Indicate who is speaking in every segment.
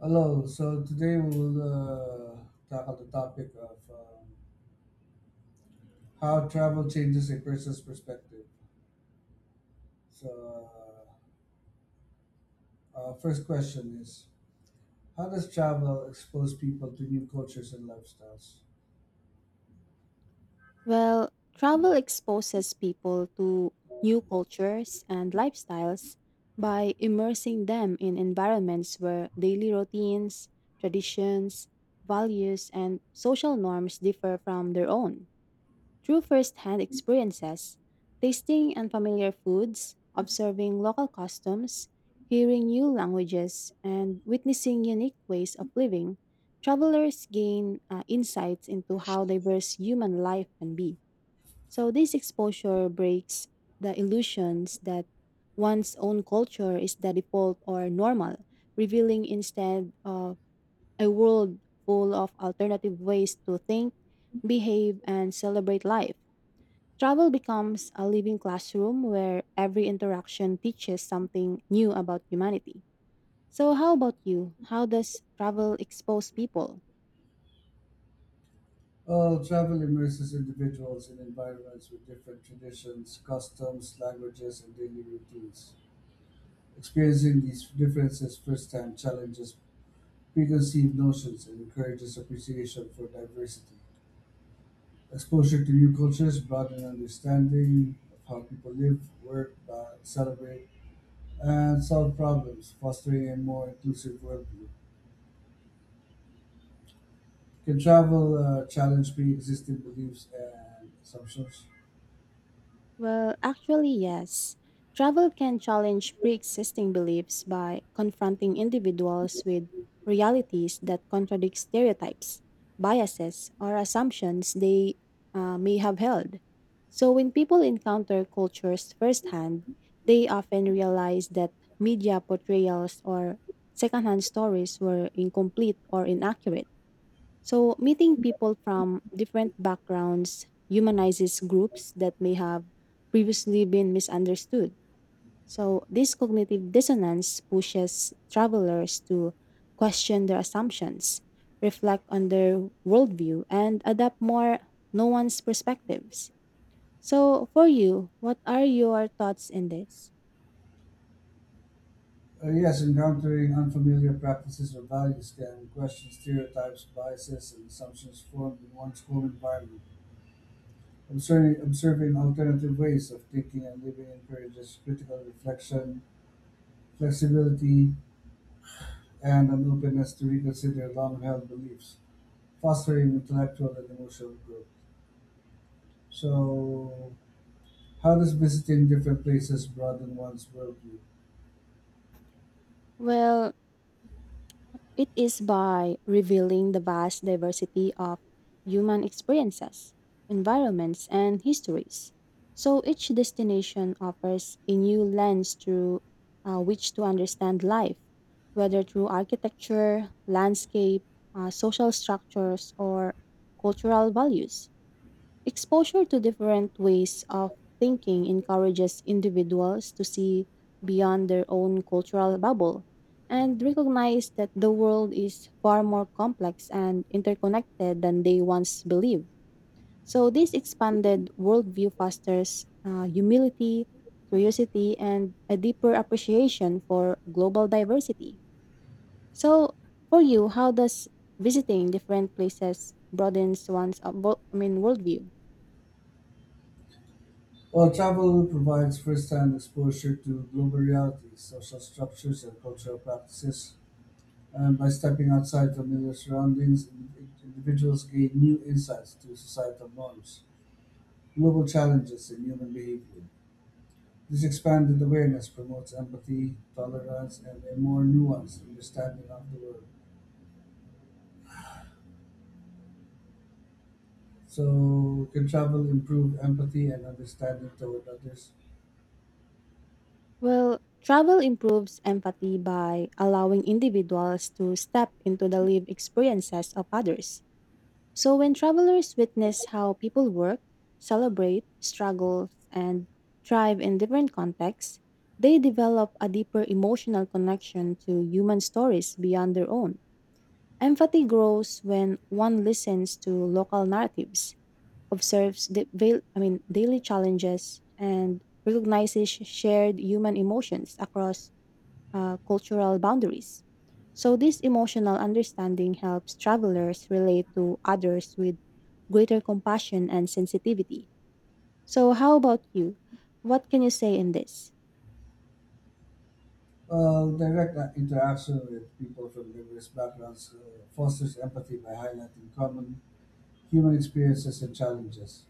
Speaker 1: Hello, so today we will tackle the topic of how travel changes a person's perspective. So, first question is, how does travel expose people to new cultures and lifestyles?
Speaker 2: Well, travel exposes people to new cultures and lifestyles by immersing them in environments where daily routines, traditions, values, and social norms differ from their own. Through first hand experiences, tasting unfamiliar foods, observing local customs, hearing new languages, and witnessing unique ways of living, travelers gain insights into how diverse human life can be. So this exposure breaks the illusions that one's own culture is the default or normal, revealing instead, a world full of alternative ways to think, behave, and celebrate life. Travel becomes a living classroom where every interaction teaches something new about humanity. So, how about you? How does travel expose people?
Speaker 1: Well, travel immerses individuals in environments with different traditions, customs, languages, and daily routines. Experiencing these differences firsthand challenges preconceived notions and encourages appreciation for diversity. Exposure to new cultures brought an understanding of how people live, work, celebrate, and solve problems, fostering a more inclusive worldview. Can travel challenge pre-existing beliefs and assumptions?
Speaker 2: Well, actually, yes. Travel can challenge pre existing beliefs by confronting individuals with realities that contradict stereotypes, biases, or assumptions they may have held. So, when people encounter cultures firsthand, they often realize that media portrayals or secondhand stories were incomplete or inaccurate. So, meeting people from different backgrounds humanizes groups that may have previously been misunderstood. So, this cognitive dissonance pushes travelers to question their assumptions, reflect on their worldview, and adapt more nuanced perspectives. So, for you, what are your thoughts in this?
Speaker 1: Yes, encountering unfamiliar practices or values can question stereotypes, biases, and assumptions formed in one's home environment. Observing alternative ways of thinking and living encourages critical reflection, flexibility, and an openness to reconsider long-held beliefs, fostering intellectual and emotional growth. So, how does visiting different places broaden one's worldview?
Speaker 2: Well, it is by revealing the vast diversity of human experiences, environments, and histories. So each destination offers a new lens through which to understand life, whether through architecture, landscape, social structures, or cultural values. Exposure to different ways of thinking encourages individuals to see beyond their own cultural bubble and recognize that the world is far more complex and interconnected than they once believed. So, this expanded worldview fosters humility, curiosity, and a deeper appreciation for global diversity. So, for you, how does visiting different places broadens one's worldview?
Speaker 1: Well, travel provides first-hand exposure to global realities, social structures, and cultural practices. And by stepping outside familiar surroundings, individuals gain new insights to societal norms, global challenges, and human behavior. This expanded awareness promotes empathy, tolerance, and a more nuanced understanding of the world. So, can travel improve empathy and understanding toward others?
Speaker 2: Well, travel improves empathy by allowing individuals to step into the lived experiences of others. So, when travelers witness how people work, celebrate, struggle, and thrive in different contexts, they develop a deeper emotional connection to human stories beyond their own. Empathy grows when one listens to local narratives, observes the daily challenges, and recognizes shared human emotions across cultural boundaries. So, this emotional understanding helps travelers relate to others with greater compassion and sensitivity. So, how about you? What can you say in this?
Speaker 1: Well, direct interaction with people from diverse backgrounds fosters empathy by highlighting common human experiences and challenges.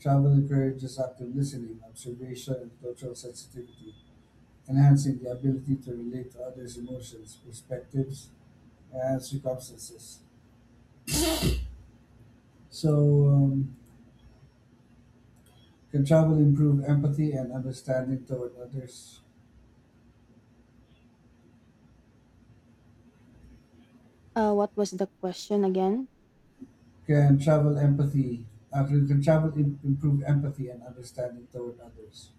Speaker 1: Travel encourages active listening, observation, and cultural sensitivity, enhancing the ability to relate to others' emotions, perspectives, and circumstances. So, um, can travel improve empathy and understanding toward others?
Speaker 2: What was the question again?
Speaker 1: Can travel empathy? Can travel improve empathy and understanding toward others?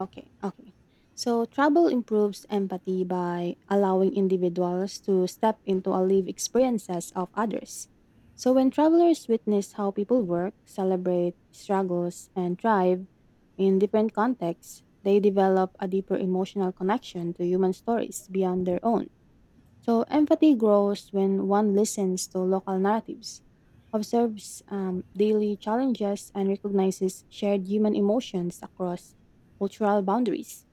Speaker 2: Okay, okay. So travel improves empathy by allowing individuals to step into a lived experiences of others. So when travelers witness how people work, celebrate struggles, and thrive in different contexts, they develop a deeper emotional connection to human stories beyond their own. So empathy grows when one listens to local narratives, observes daily challenges, and recognizes shared human emotions across cultural boundaries.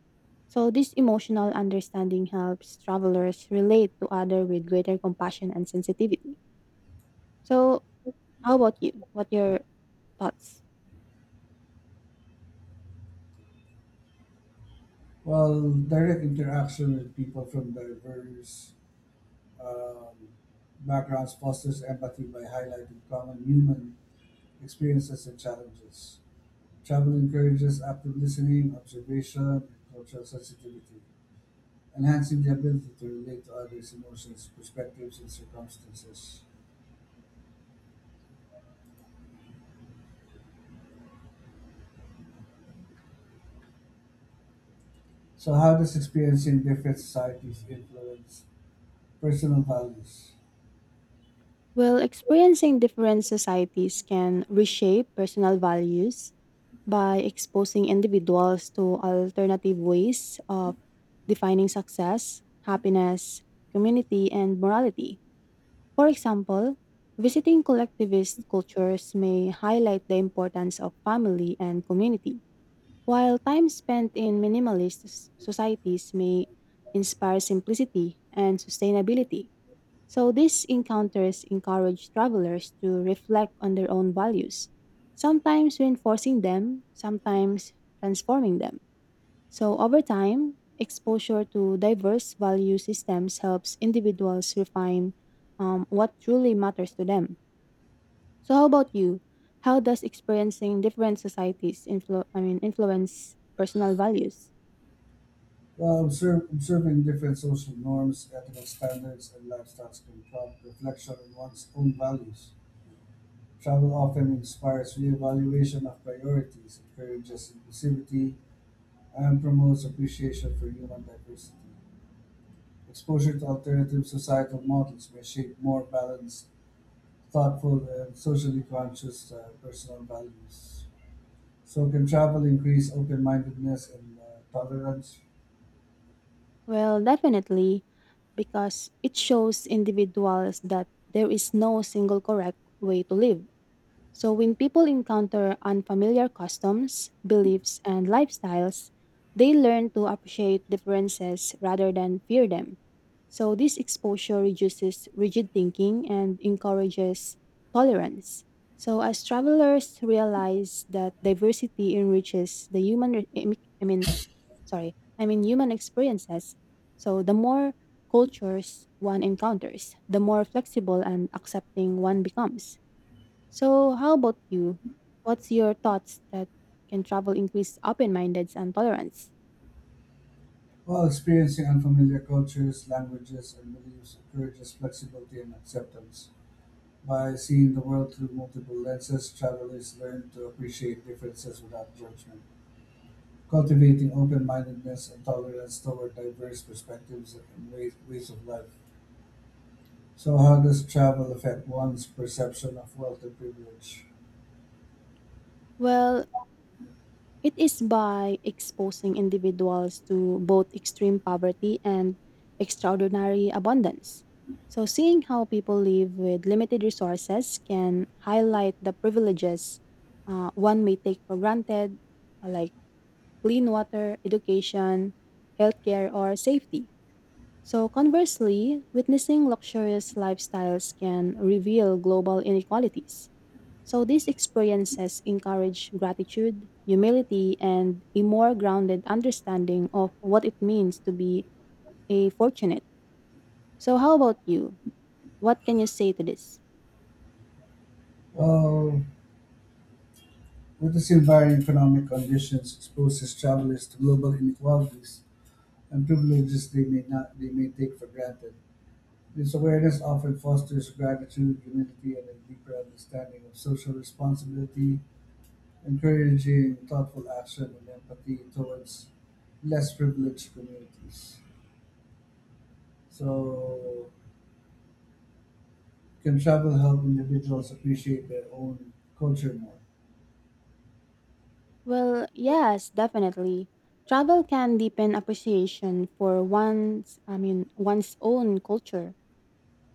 Speaker 2: So this emotional understanding helps travelers relate to others with greater compassion and sensitivity. So how about you? What your thoughts?
Speaker 1: Well, direct interaction with people from diverse um, backgrounds fosters empathy by highlighting common human experiences and challenges. Travel encourages active listening, observation, and cultural sensitivity, enhancing the ability to relate to others' emotions, perspectives, and circumstances. So how does experience in different societies influence personal values?
Speaker 2: Well, experiencing different societies can reshape personal values by exposing individuals to alternative ways of defining success, happiness, community, and morality. For example, visiting collectivist cultures may highlight the importance of family and community, while time spent in societies may inspire simplicity and sustainability. So these encounters encourage travelers to reflect on their own values, sometimes reinforcing them, sometimes transforming them. So over time, exposure to diverse value systems helps individuals refine what truly matters to them. So how about you? How does experiencing different societies influence personal values?
Speaker 1: Well, observing different social norms, ethical standards, and lifestyles can prompt reflection on one's own values. Travel often inspires reevaluation of priorities, encourages inclusivity, and promotes appreciation for human diversity. Exposure to alternative societal models may shape more balanced, thoughtful, and socially conscious personal values. So can travel increase open-mindedness and tolerance
Speaker 2: Well, definitely, because it shows individuals that there is no single correct way to live. So, when people encounter unfamiliar customs, beliefs, and lifestyles, they learn to appreciate differences rather than fear them. So, this exposure reduces rigid thinking and encourages tolerance. So, as travelers realize that diversity enriches the human, re- I mean, sorry, I mean human experiences. So the more cultures one encounters, the more flexible and accepting one becomes. So how about you? What's your thoughts that can travel increase open mindedness and tolerance?
Speaker 1: while experiencing unfamiliar cultures, languages, and beliefs encourages flexibility and acceptance? By seeing the world through multiple lenses, travelers learn to appreciate differences without judgment, cultivating open-mindedness and tolerance toward diverse perspectives and ways of life. So, how does travel affect one's perception of wealth and privilege?
Speaker 2: Well, it is by exposing individuals to both extreme poverty and extraordinary abundance. So, seeing how people live with limited resources can highlight the privileges one may take for granted, like clean water, education, healthcare, or safety. So, conversely, witnessing luxurious lifestyles can reveal global inequalities, so these experiences encourage gratitude, humility, and a more grounded understanding of what it means to be a fortunate. So how about you? What can you say to this?
Speaker 1: Well, noticing varying economic conditions exposes travelers to global inequalities and privileges they may not they may take for granted. This awareness often fosters gratitude, humility, and a deeper understanding of social responsibility, encouraging thoughtful action and empathy towards less privileged communities. So, can travel help individuals appreciate their own culture more?
Speaker 2: Well, yes, definitely. Travel can deepen appreciation for one's I mean one's own culture.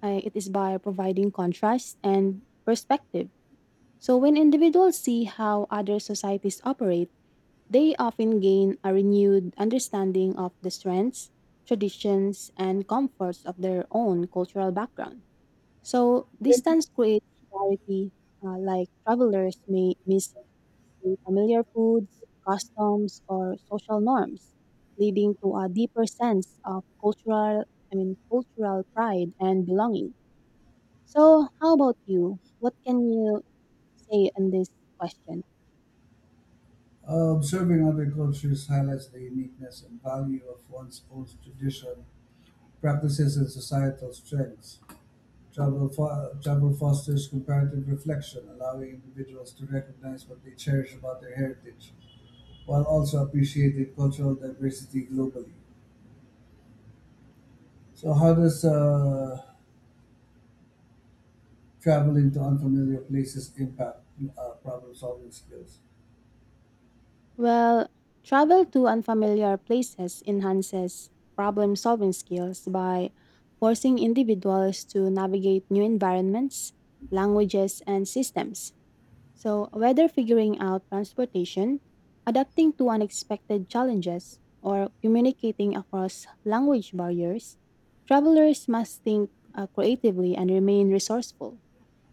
Speaker 2: It is by providing contrast and perspective. So when individuals see how other societies operate, they often gain a renewed understanding of the strengths, traditions, and comforts of their own cultural background. So, distance creates clarity, like travelers may miss the familiar foods, customs, or social norms, leading to a deeper sense of cultural pride and belonging. So, how about you? What can you say on this question?
Speaker 1: Observing other cultures highlights the uniqueness and value of one's own tradition practices and societal strengths. Travel fosters comparative reflection, allowing individuals to recognize what they cherish about their heritage, while also appreciating cultural diversity globally. So, how does traveling to unfamiliar places impact problem solving skills?
Speaker 2: Well, travel to unfamiliar places enhances problem solving skills by forcing individuals to navigate new environments, languages, and systems. So, whether figuring out transportation, adapting to unexpected challenges, or communicating across language barriers, travelers must think creatively and remain resourceful.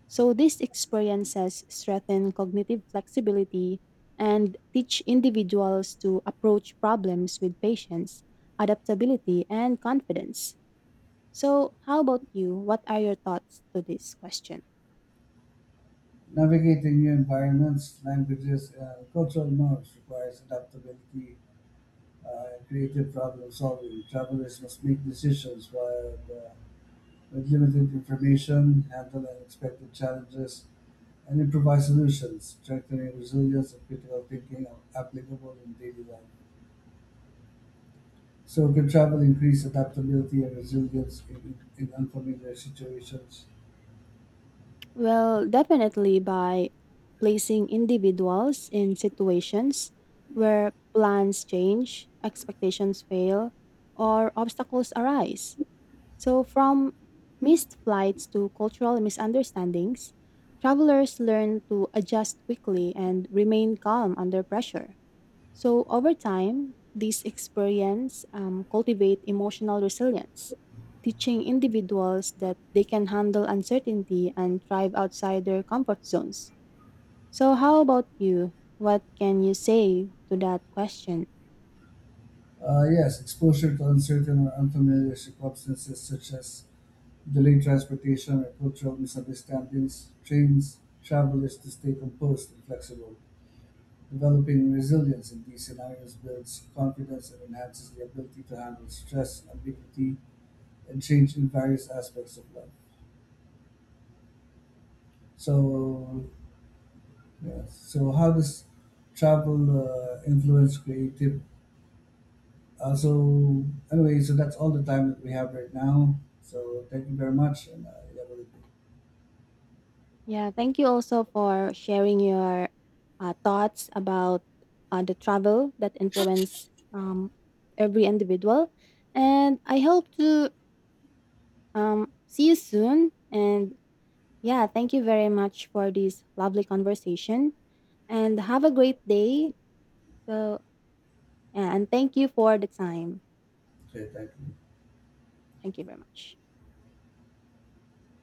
Speaker 2: So these experiences strengthen cognitive flexibility and teach individuals to approach problems with patience, adaptability, and confidence. So, how about you? What are your thoughts to this question?
Speaker 1: Navigating new environments, languages, and cultural norms requires adaptability and creative problem solving. Travelers must make decisions while uh, with limited information, handle unexpected challenges, and improvise solutions, strengthening resilience and critical thinking are applicable in daily life. So, good travel increase adaptability and resilience in unfamiliar situations?
Speaker 2: Well, definitely by placing individuals in situations where plans change, expectations fail, or obstacles arise. So, from missed flights to cultural misunderstandings, travelers learn to adjust quickly and remain calm under pressure. So, over time, these experiences cultivate emotional resilience, teaching individuals that they can handle uncertainty and thrive outside their comfort zones. So, how about you? What can you say to that question?
Speaker 1: Yes, exposure to uncertain or unfamiliar circumstances such as delayed transportation or cultural misunderstandings trains travelers to stay composed and flexible. Developing resilience in these scenarios builds confidence and enhances the ability to handle stress, ambiguity, and change in various aspects of life. So, yeah. So, how does travel influence creative? Uh, so, anyway, so that's all the time that we have right now. So, thank you very much, and yeah, we'll-
Speaker 2: Yeah, thank you also for sharing your thoughts about the travel that influence every individual. And I hope to see you soon. And yeah, thank you very much for this lovely conversation. And have a great day. So, yeah, and thank you for the time.
Speaker 1: okay, thank you.
Speaker 2: Thank you very much.